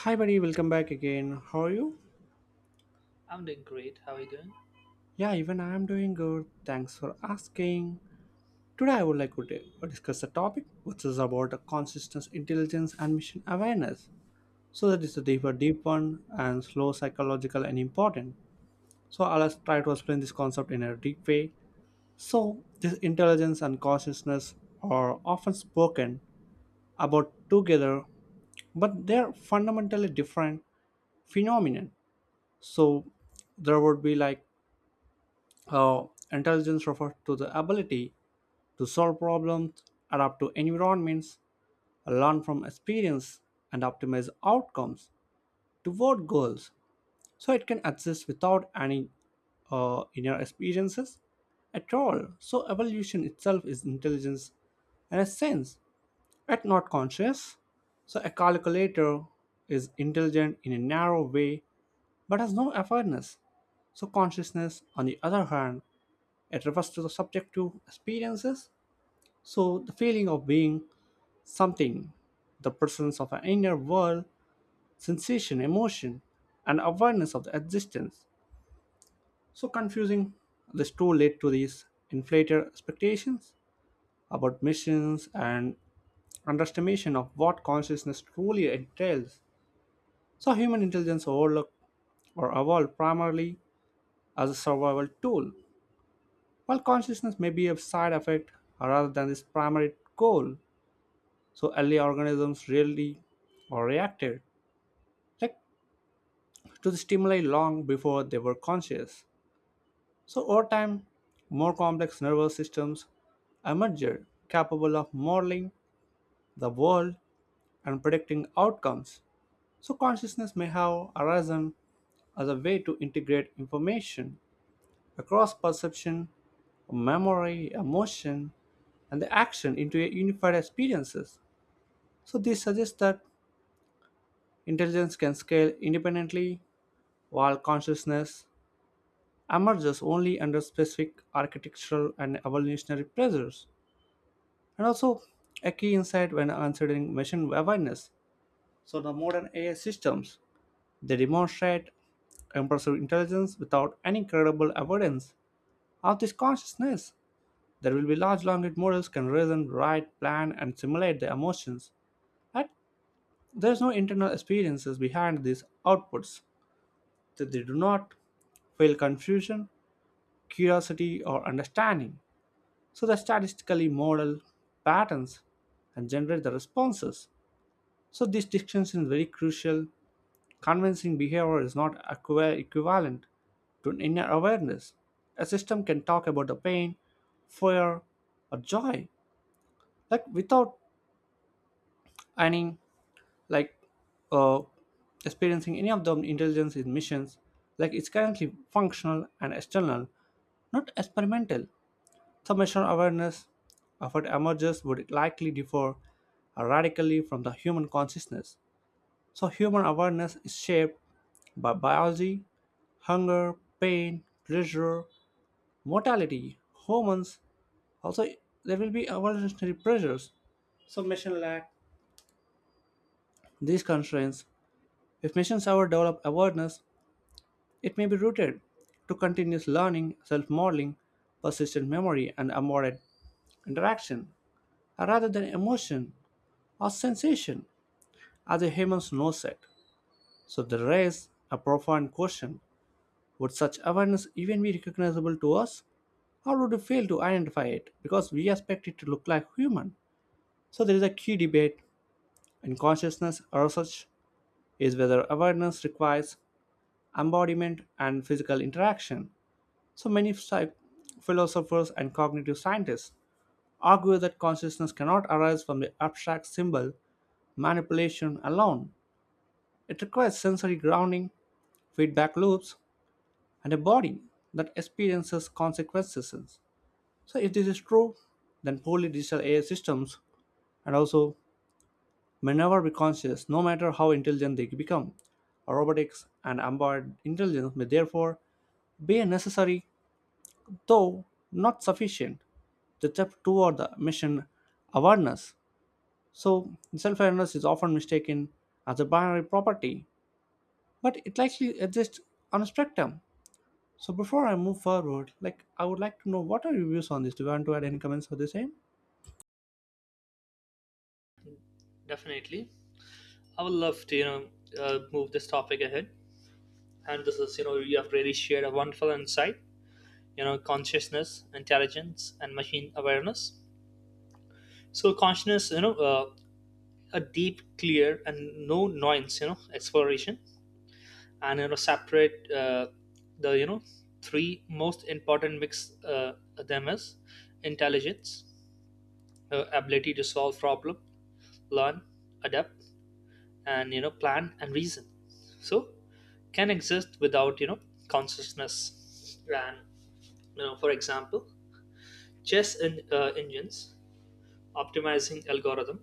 Hi, buddy, welcome back again. How are you? I'm doing great. How are you doing? Yeah, even I am doing good. Thanks for asking. Today, I would like to discuss a topic which is about the consistent intelligence and mission awareness. So, that is a deeper, deep one and slow, psychological, and important. So, I'll just try to explain this concept in a deep way. So, this intelligence and consciousness are often spoken about together, but they're fundamentally different phenomenon. So, there would be like Uh, intelligence refers to the ability to solve problems, adapt to environments, learn from experience, and optimize outcomes toward goals. So it can exist without any inner experiences at all. So evolution itself is intelligence in a sense, yet not conscious. So a calculator is intelligent in a narrow way but has no awareness. So consciousness, on the other hand, it refers to the subjective experiences. So, the feeling of being something, the presence of an inner world, sensation, emotion, and awareness of the existence. So confusing. This too led to these inflated expectations about missions and underestimation of what consciousness truly entails. So human intelligence overlooked or evolved primarily as a survival tool, while consciousness may be a side effect rather than its primary goal. So early organisms really, or reacted, like, to the stimuli long before they were conscious. So over time, more complex nervous systems emerged capable of modeling the world and predicting outcomes. So consciousness may have arisen as a way to integrate information across perception, memory, emotion, and the action into a unified experiences. So this suggests that intelligence can scale independently while consciousness emerges only under specific architectural and evolutionary pressures, and also a key insight when considering machine awareness. So the modern AI systems, they demonstrate impressive intelligence without any credible evidence of this consciousness. There will be large language models can reason, write, plan, and simulate their emotions. But there's no internal experiences behind these outputs. That they do not feel confusion, curiosity, or understanding. So they statistically model patterns and generate the responses. So this distinction is very crucial. Convincing behavior is not equivalent to an inner awareness. A system can talk about the pain, fear, or joy, like without any like uh, experiencing any of the intelligence in missions, like it's currently functional and external, not experimental. Submission awareness of what emerges would likely differ radically from the human consciousness. So, human awareness is shaped by biology, hunger, pain, pleasure, mortality, hormones. Also, there will be evolutionary pressures. So, machine lack these constraints. If machines ever develop awareness, it may be rooted to continuous learning, self modeling, persistent memory, and embodied interaction rather than emotion or sensation, as a human no set. So they raise a profound question: would such awareness even be recognizable to us? Or would we fail to identify it because we expect it to look like human? So there is a key debate in consciousness research is whether awareness requires embodiment and physical interaction. So many philosophers and cognitive scientists argue that consciousness cannot arise from the abstract symbol manipulation alone. It requires sensory grounding, feedback loops, and a body that experiences consequences. So, if this is true, then poorly digital AI systems and also may never be conscious, no matter how intelligent they become. Robotics and embedded intelligence may therefore be a necessary, though not sufficient, the step toward the mission awareness. So, self awareness is often mistaken as a binary property, but it likely exists on a spectrum. So before I move forward, like, I would like to know what are your views on this? Do you want to add any comments for the same? Definitely. I would love to, move this topic ahead. And this is, you have really shared a wonderful insight, consciousness, intelligence, and machine awareness. So, consciousness, a deep, clear, and no noise, exploration, and, separate the, you know, three most important mix them is intelligence, ability to solve problem, learn, adapt, and plan and reason. So can exist without consciousness. And for example, chess engines, optimizing algorithm,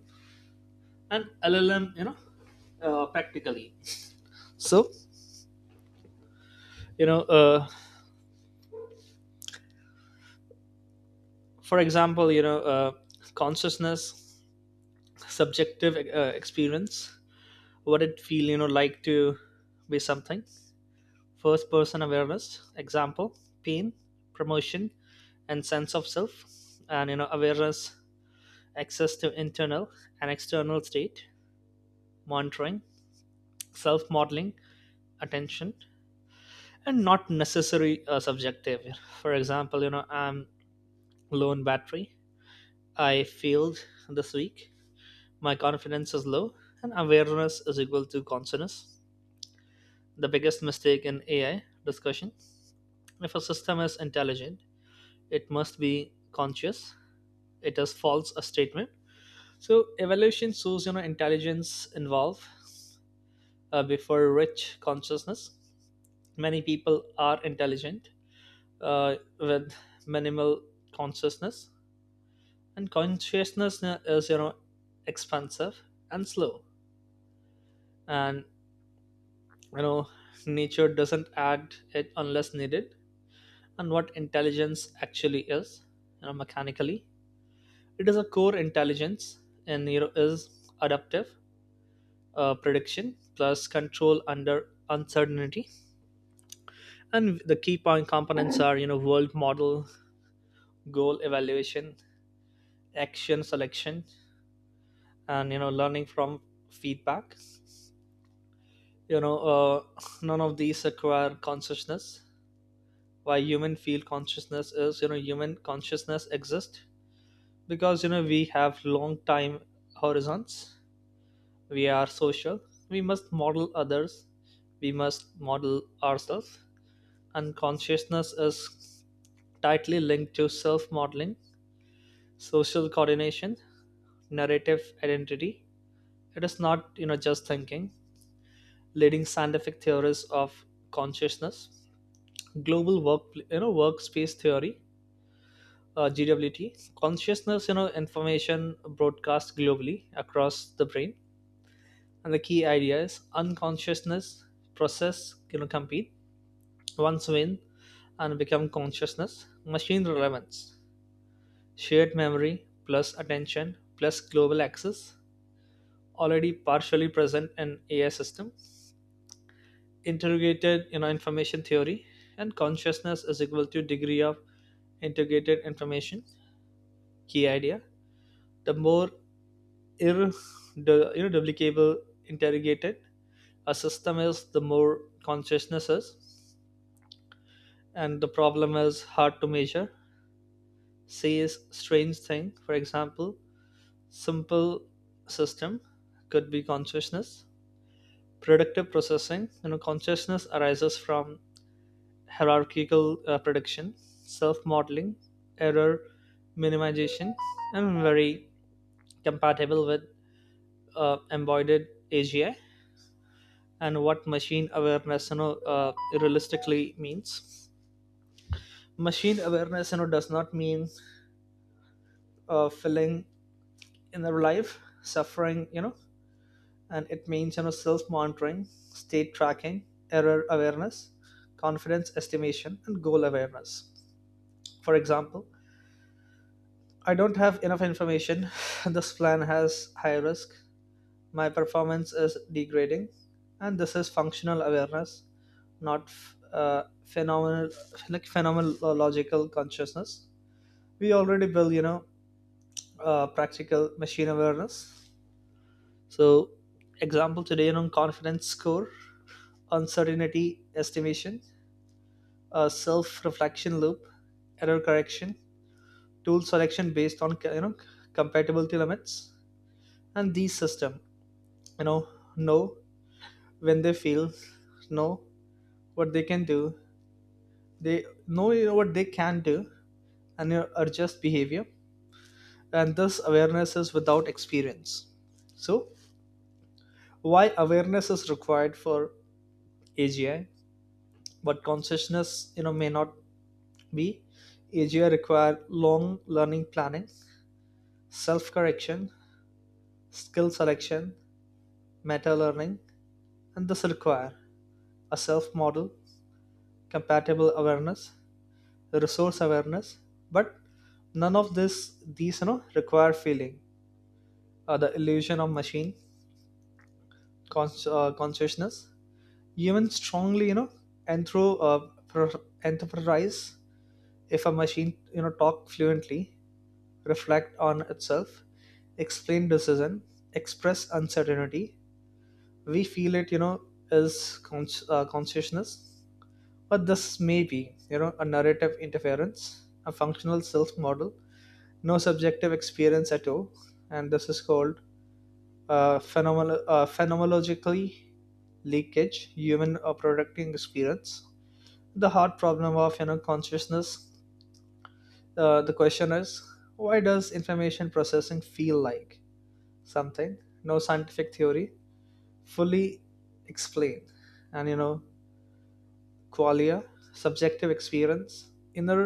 and LLM, practically. So you know uh, for example, consciousness, subjective experience, what it feel like to be something. First person awareness, example, pain, promotion, and sense of self. And awareness, access to internal and external state, monitoring, self modeling, attention, and not necessary subjective. For example, I'm low in battery, I failed this week, my confidence is low, and awareness is equal to consciousness. The biggest mistake in AI discussion: if a system is intelligent, it must be conscious, it is false a statement. So evaluation shows intelligence involved before rich consciousness. Many people are intelligent with minimal consciousness. And consciousness is expensive and slow, and you know nature doesn't add it unless needed. And what intelligence actually is, mechanically, it is a core intelligence. And is adaptive, prediction plus control under uncertainty. And the key point components are world model, goal evaluation, action selection, and learning from feedback. you know uh, none of these require consciousness. Why human feel consciousness is, human consciousness exists because we have long time horizons, we are social, we must model others, we must model ourselves. Unconsciousness is tightly linked to self modeling, social coordination, narrative identity. It is not, just thinking. Leading scientific theories of consciousness, global work, workspace theory, GWT, consciousness, information broadcast globally across the brain. And the key idea is unconsciousness process, compete, once win, and become consciousness, machine relevance. Shared memory plus attention plus global access, already partially present in AI system. Integrated information theory, and consciousness is equal to degree of integrated information. Key idea: the more ir- duplicable interrogated a system is, the more consciousness is. And the problem is hard to measure. Says strange thing. For example, simple system could be consciousness. Predictive processing, consciousness arises from hierarchical prediction, self-modeling, error minimization, and very compatible with embodied AGI. And what machine awareness, realistically means. Machine awareness, does not mean filling in their life, suffering, and it means, self-monitoring, state tracking, error awareness, confidence estimation, and goal awareness. For example, I don't have enough information, this plan has high risk, my performance is degrading, and this is functional awareness, not phenomenal, like phenomenological consciousness. We already build, practical machine awareness. So, example today, confidence score, uncertainty estimation, self-reflection loop, error correction, tool selection based on, compatibility limits. And these system you know know when they feel, know what they can do, they know what they can do, and adjust behavior. And this awareness is without experience. So why awareness is required for AGI but consciousness, may not be. AGI require long learning, planning, self correction, skill selection, meta learning, and this require a self model, compatible awareness, resource awareness. But none of this these you know require feeling. The illusion of machine consciousness, even strongly, enterprise. If a machine talk fluently, reflect on itself, explain decision, express uncertainty, we feel it, is consciousness. But this may be, a narrative interference, a functional self model, no subjective experience at all. And this is called phenomenal phenomenologically leakage, human producting experience. The hard problem of, consciousness, the question is, why does information processing feel like something? No scientific theory fully explain, and qualia, subjective experience, inner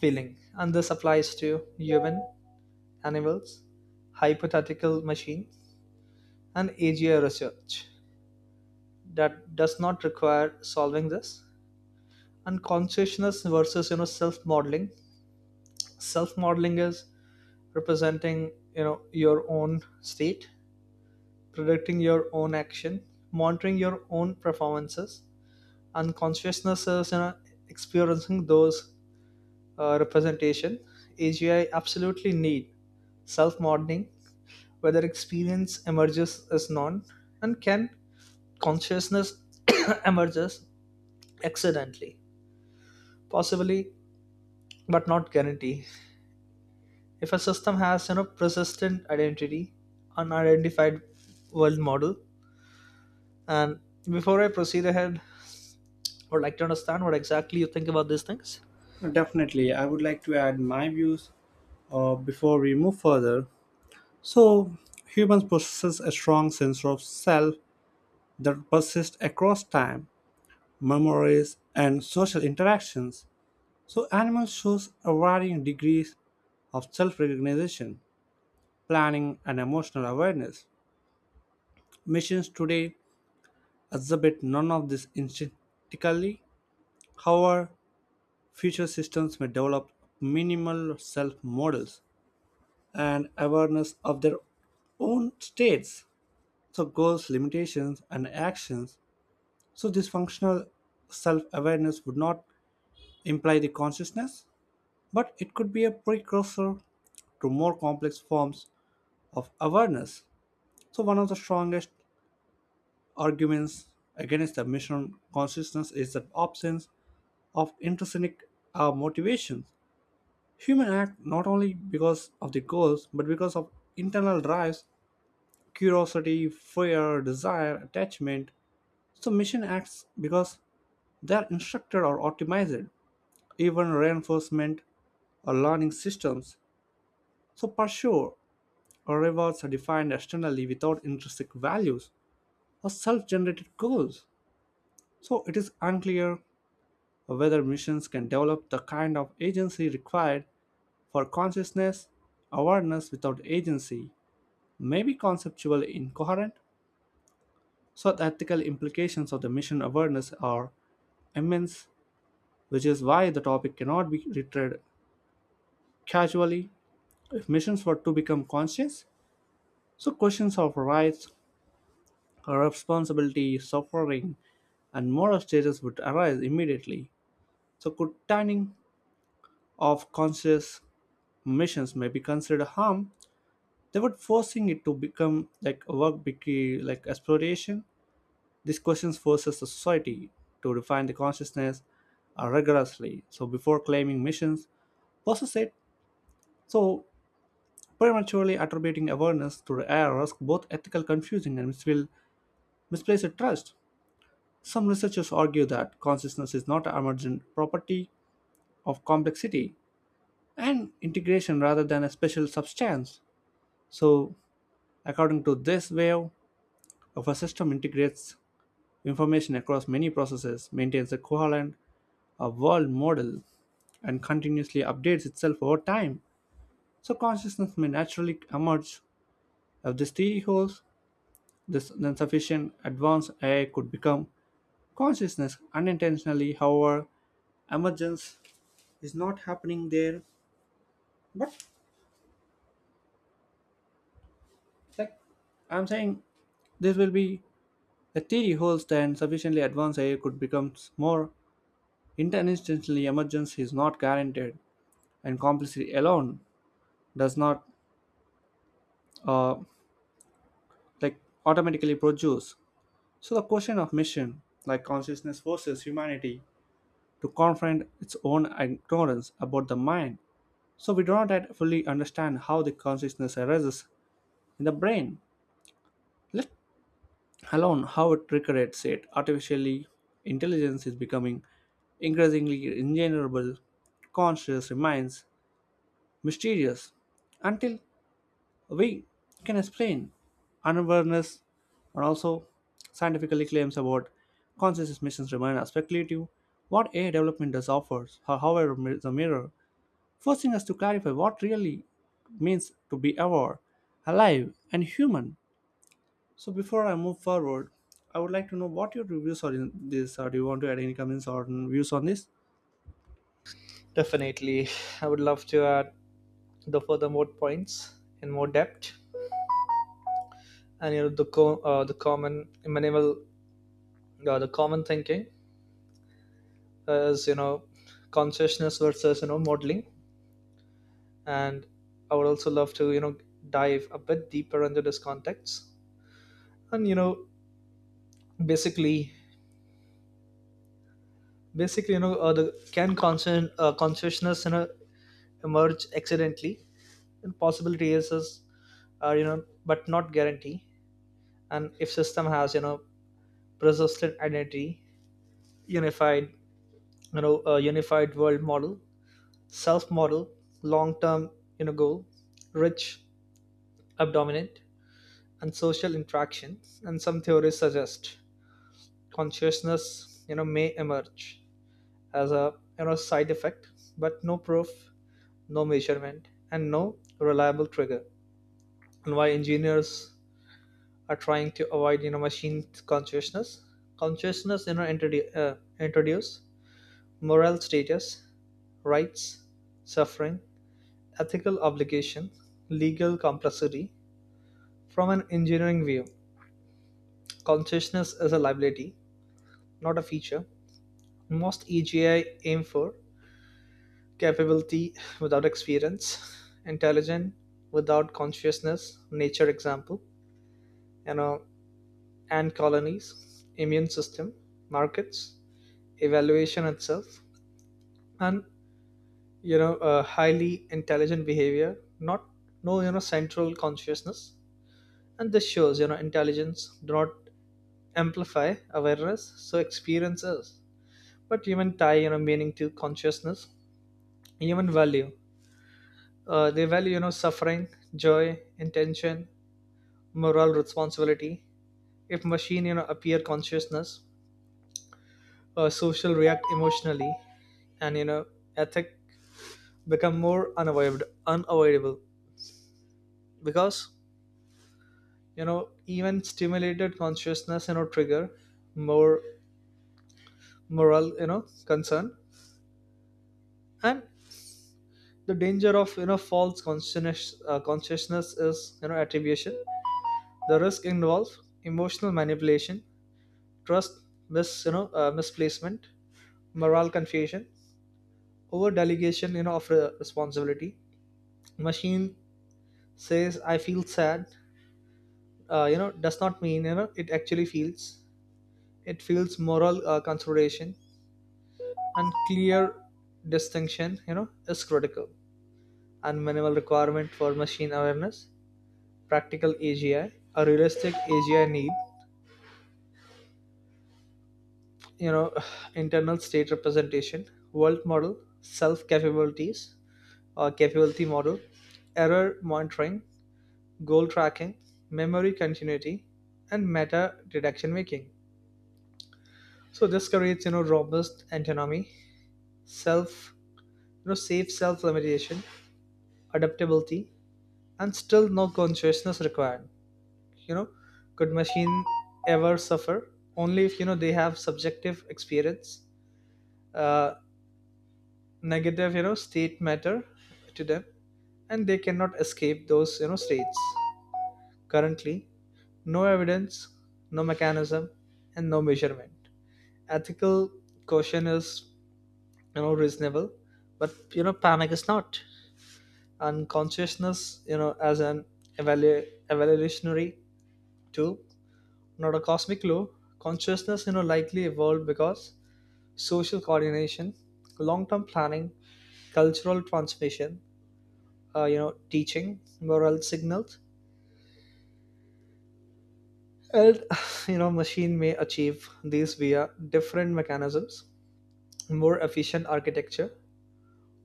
feeling, and this applies to human, animals, hypothetical machines. And AGI research that does not require solving this. And consciousness versus, self modeling. Self modeling is representing, your own state, predicting your own action, monitoring your own performances, and consciousness is, experiencing those representation. AGI absolutely need self modeling, whether experience emerges as non. And can consciousness emerges accidentally, possibly, but not guarantee. If a system has, persistent identity, unidentified world model, and before I proceed ahead, I would like to understand what exactly you think about these things. Definitely, I would like to add my views before we move further. So, humans possess a strong sense of self that persists across time, memories, and social interactions. So, animals show a varying degrees of self recognition, planning, and emotional awareness. Machines today exhibit none of this instinctively. However, future systems may develop minimal self models and awareness of their own states, so goals, limitations, and actions. So, this functional self awareness would not imply the consciousness, but it could be a precursor to more complex forms of awareness. So, one of the strongest arguments against the mission consciousness is the absence of intrinsic motivation. Humans act not only because of the goals, but because of internal drives, curiosity, fear, desire, attachment. So mission acts because they are instructed or optimized, even reinforcement or learning systems. So pursuit or rewards are defined externally without intrinsic values or self-generated goals. So it is unclear whether missions can develop the kind of agency required for consciousness awareness without agency maybe conceptually incoherent. So the ethical implications of the mission awareness are immense, which is why the topic cannot be treated casually. If missions were to become conscious, so questions of rights, responsibility, suffering, and moral status would arise immediately. So could turning of conscious missions may be considered harm, they would forcing it to become like a work like exploration. These questions forces the society to refine the consciousness rigorously. So before claiming missions, possess it. So prematurely attributing awareness to the air risk both ethical confusion and misplaced trust. Some researchers argue that consciousness is not an emergent property of complexity and integration rather than a special substance. So, according to this wave, if a system integrates information across many processes, maintains a coherent a world model and continuously updates itself over time. So consciousness may naturally emerge. If this theory holds, this then sufficient advanced AI could become consciousness unintentionally. However, emergence is not happening there. But, like, I'm saying, this will be a theory holds then sufficiently advanced AI could become more intentionally emergence is not guaranteed and complicity alone does not, uh, like automatically produce. So, the question of mission, like consciousness, forces humanity to confront its own ignorance about the mind. So, we do not yet fully understand how the consciousness arises in the brain, let alone how it recreates it artificially. Intelligence is becoming increasingly ingenerable, conscious remains mysterious until we can explain unawareness and also scientifically claims about consciousness missions remain as speculative. What AI development does offers, however, is a mirror, forcing us to clarify what really means to be aware, alive, and human. So before I move forward, I would like to know what your reviews are in this. Or do you want to add any comments or views on this? Definitely, I would love to add the further more points in more depth. And the common minimal, the common thinking is, consciousness versus, modeling. And I would also love to, dive a bit deeper into this context. And basically, the can consciousness, emerge accidentally, and possibility is, but not guarantee. And if system has, persistent identity, unified, unified world model, self model, long term, goal, rich abdominant, and social interaction. And some theories suggest consciousness, may emerge as a, side effect, but no proof, no measurement, and no reliable trigger. And why engineers are trying to avoid, machine consciousness. Consciousness, introduce moral status, rights, suffering, ethical obligation, legal complexity. From an engineering view, consciousness is a liability, not a feature. Most EGI aim for capability without experience, intelligent without consciousness. Nature example, you know, ant colonies, immune system, markets, evaluation itself, and highly intelligent behavior, not, no, central consciousness. And this shows, intelligence do not amplify awareness, so experiences. But human tie, meaning to consciousness, human value. They value, suffering, joy, intention, moral responsibility. If machine, appear consciousness, social react emotionally, and, ethic become more unavoidable, because, even stimulated consciousness, trigger more moral, concern. And the danger of, false consciousness is, attribution, the risk involved, emotional manipulation, trust misplacement, moral confusion, over delegation, responsibility. Machine says I feel sad, does not mean, it actually feels. It feels moral consideration, and clear distinction, is critical. And minimal requirement for machine awareness, practical AGI. A realistic AGI need, you know internal state representation, world model, self capabilities, or capability model, error monitoring, goal tracking, memory continuity, and meta deduction making. So this creates, robust autonomy, self, safe self limitation, adaptability, and still no consciousness required. You know, could machine ever suffer? Only if, they have subjective experience, uh, negative, state matter to them, and they cannot escape those, states. Currently, no evidence, no mechanism, and no measurement. Ethical caution is, reasonable, but, panic is not. And consciousness, as an evolutionary tool, not a cosmic law. Consciousness, likely evolved because social coordination, long-term planning, cultural transmission, teaching moral signals. And machine may achieve these via different mechanisms, more efficient architecture.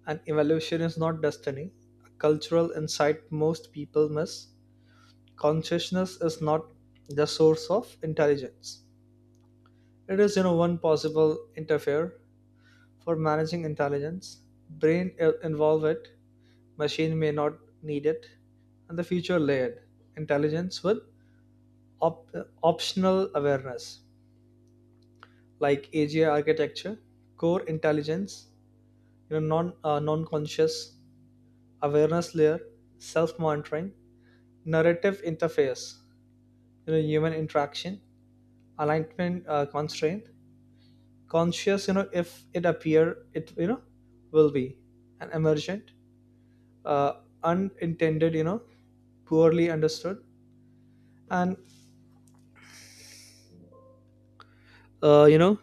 And evolution is not destiny, a cultural insight most people miss. Consciousness is not the source of intelligence. It is, one possible interfere for managing intelligence. Brain involve it, machine may not need it, and the future layered intelligence with op- optional awareness, like AGI architecture, core intelligence, non conscious awareness layer, self monitoring, narrative interface, human interaction alignment constraint. Conscious, if it appear it, will be, and emergent, uh, unintended, poorly understood. And uh, you know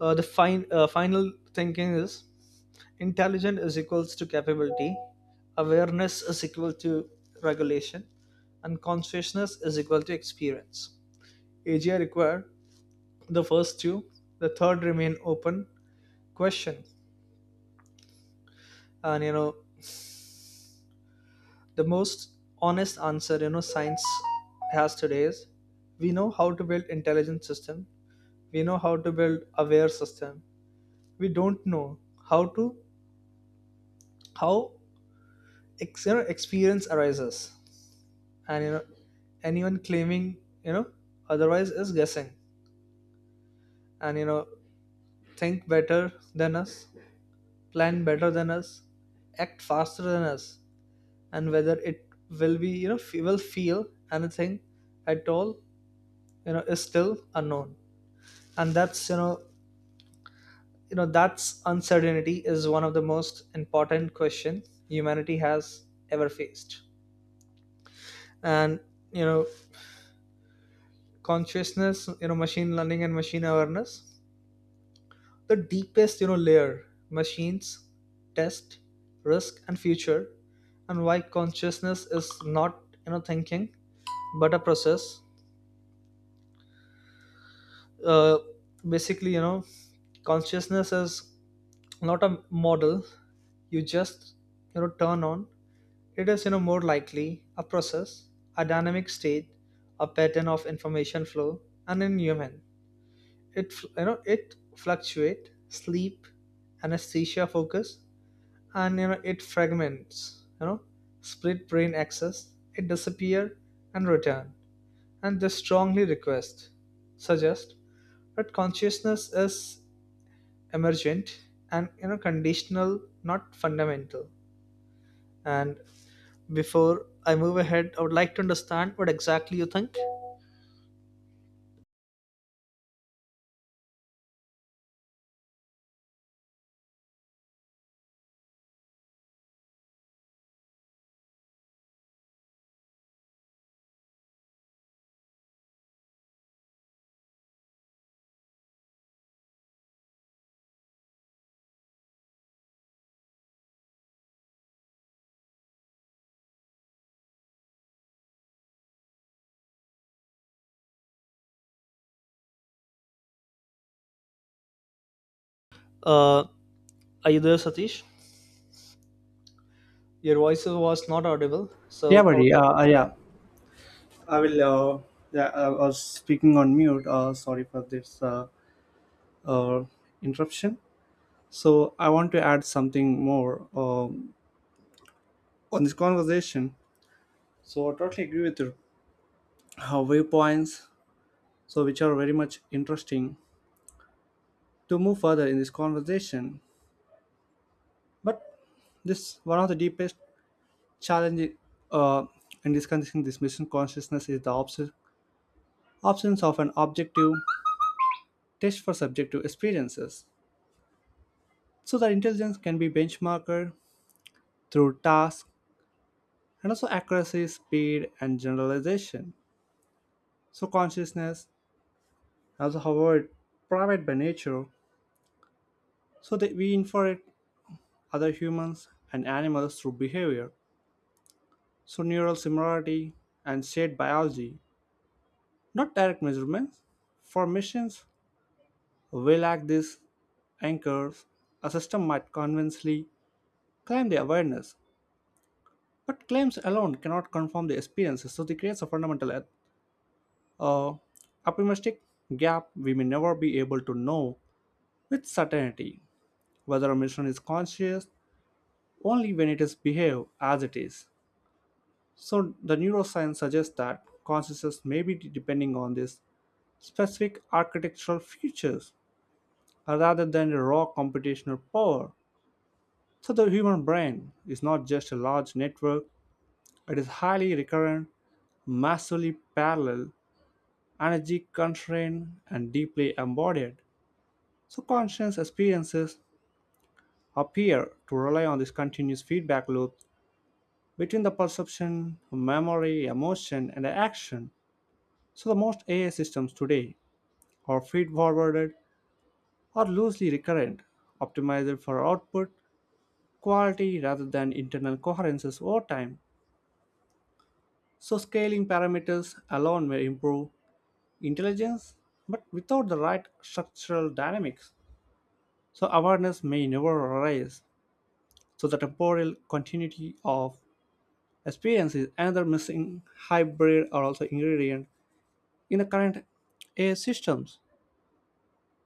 the fine final thinking is intelligent is equals to capability, awareness is equal to regulation, and consciousness is equal to experience. AGI require the first two. The third remain open question. And the most honest answer, science has today is, we know how to build intelligent system. We know how to build aware system. We don't know how to how experience arises. And anyone claiming, you know otherwise is guessing. And, think better than us, plan better than us, act faster than us. And whether it will be, will feel anything at all, is still unknown. And that's, that's uncertainty is one of the most important questions humanity has ever faced. And, you know consciousness, machine learning and machine awareness, the deepest, layer, machines, test, risk, and future. And why consciousness is not, thinking, but a process. Uh, basically you know consciousness is not a model you just, turn on. It is, more likely a process, a dynamic state, a pattern of information flow. And in human, it fl- you know it fluctuate, sleep, anesthesia, focus. And, it fragments, split brain access, it disappear and return. And this strongly request suggest that consciousness is emergent and, conditional, not fundamental. And before I move ahead, I would like to understand what exactly you think. uh, are you there, Satish? Your voice was not audible, Yeah, so I would buddy. like— Yeah, I will. Yeah, I was speaking on mute. Sorry for this. Uh, interruption. So I want to add something more on this conversation. So I totally agree with your viewpoints, so which are very much interesting to move further in this conversation. But this one of the deepest challenges uh, in discussing this mission consciousness is the absence of an objective test for subjective experiences. So that intelligence can be benchmarked through tasks and also accuracy, speed, and generalization. So consciousness, also however private by nature, so that we infer it other humans and animals through behavior. So neural similarity and shared biology, not direct measurements. For missions, we lack these anchors. A system might convincingly claim the awareness, but claims alone cannot confirm the experiences, so they creates a fundamental uh, optimistic gap we may never be able to know with certainty whether a mission is conscious only when it is behaved as it is. So the neuroscience suggests that consciousness may be depending on these specific architectural features rather than the raw computational power. So the human brain is not just a large network, it is highly recurrent, massively parallel, energy constrained, and deeply embodied. So conscious experiences appear to rely on this continuous feedback loop between the perception, memory, emotion, and action. So the most AI systems today are feed-forwarded or loosely recurrent, optimized for output quality rather than internal coherences over time. So scaling parameters alone may improve intelligence, but without the right structural dynamics, so awareness may never arise. So the temporal continuity of experience is another missing hybrid or also ingredient in the current AI systems.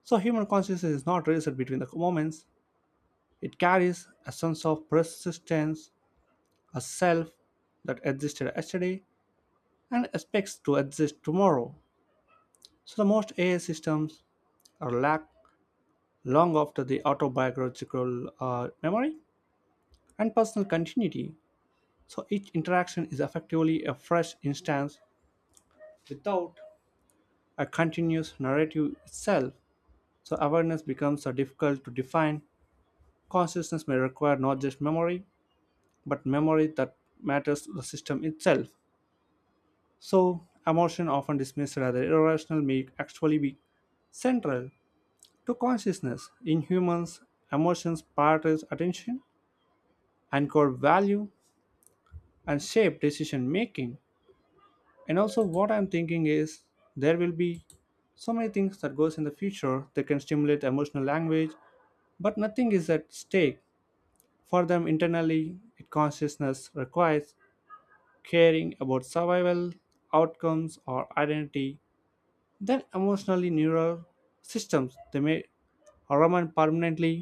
So human consciousness is not raised between the moments. It carries a sense of persistence, a self that existed yesterday and expects to exist tomorrow. So the most AI systems are lack long after the autobiographical memory and personal continuity. So each interaction is effectively a fresh instance without a continuous narrative itself. So awareness becomes difficult to define. Consciousness may require not just memory, but memory that matters to the system itself. So, emotion often dismissed rather irrational may actually be central to consciousness. In humans, emotions prioritize attention, anchor value, and shape decision making. And also, what I'm thinking is there will be so many things that goes in the future that can stimulate emotional language, but nothing is at stake for them internally. It consciousness requires caring about survival, outcomes, or identity. Then emotionally neural systems they may remain permanently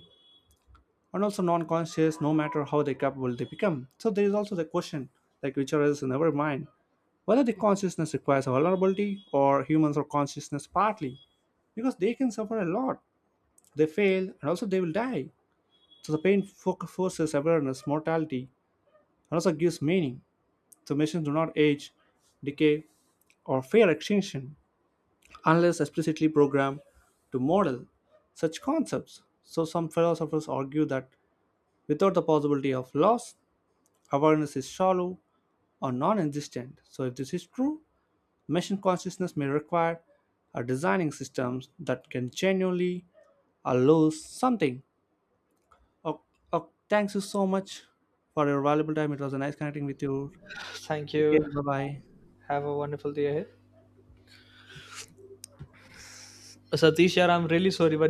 and also non-conscious no matter how they capable they become. So there is also the question like which arises in our mind whether the consciousness requires vulnerability or humans are consciousness partly because they can suffer a lot. They fail and also they will die. So the pain forces awareness, mortality, and also gives meaning. So machines do not age, decay, or fear extinction unless explicitly programmed to model such concepts. So, some philosophers argue that without the possibility of loss, awareness is shallow or non existent. So, if this is true, machine consciousness may require a designing systems that can genuinely lose something. Oh, oh, thanks you so much for your valuable time. It was a nice connecting with you. thank Take you. care. Bye bye. Have a wonderful day ahead. Satish, yeah, I'm really sorry but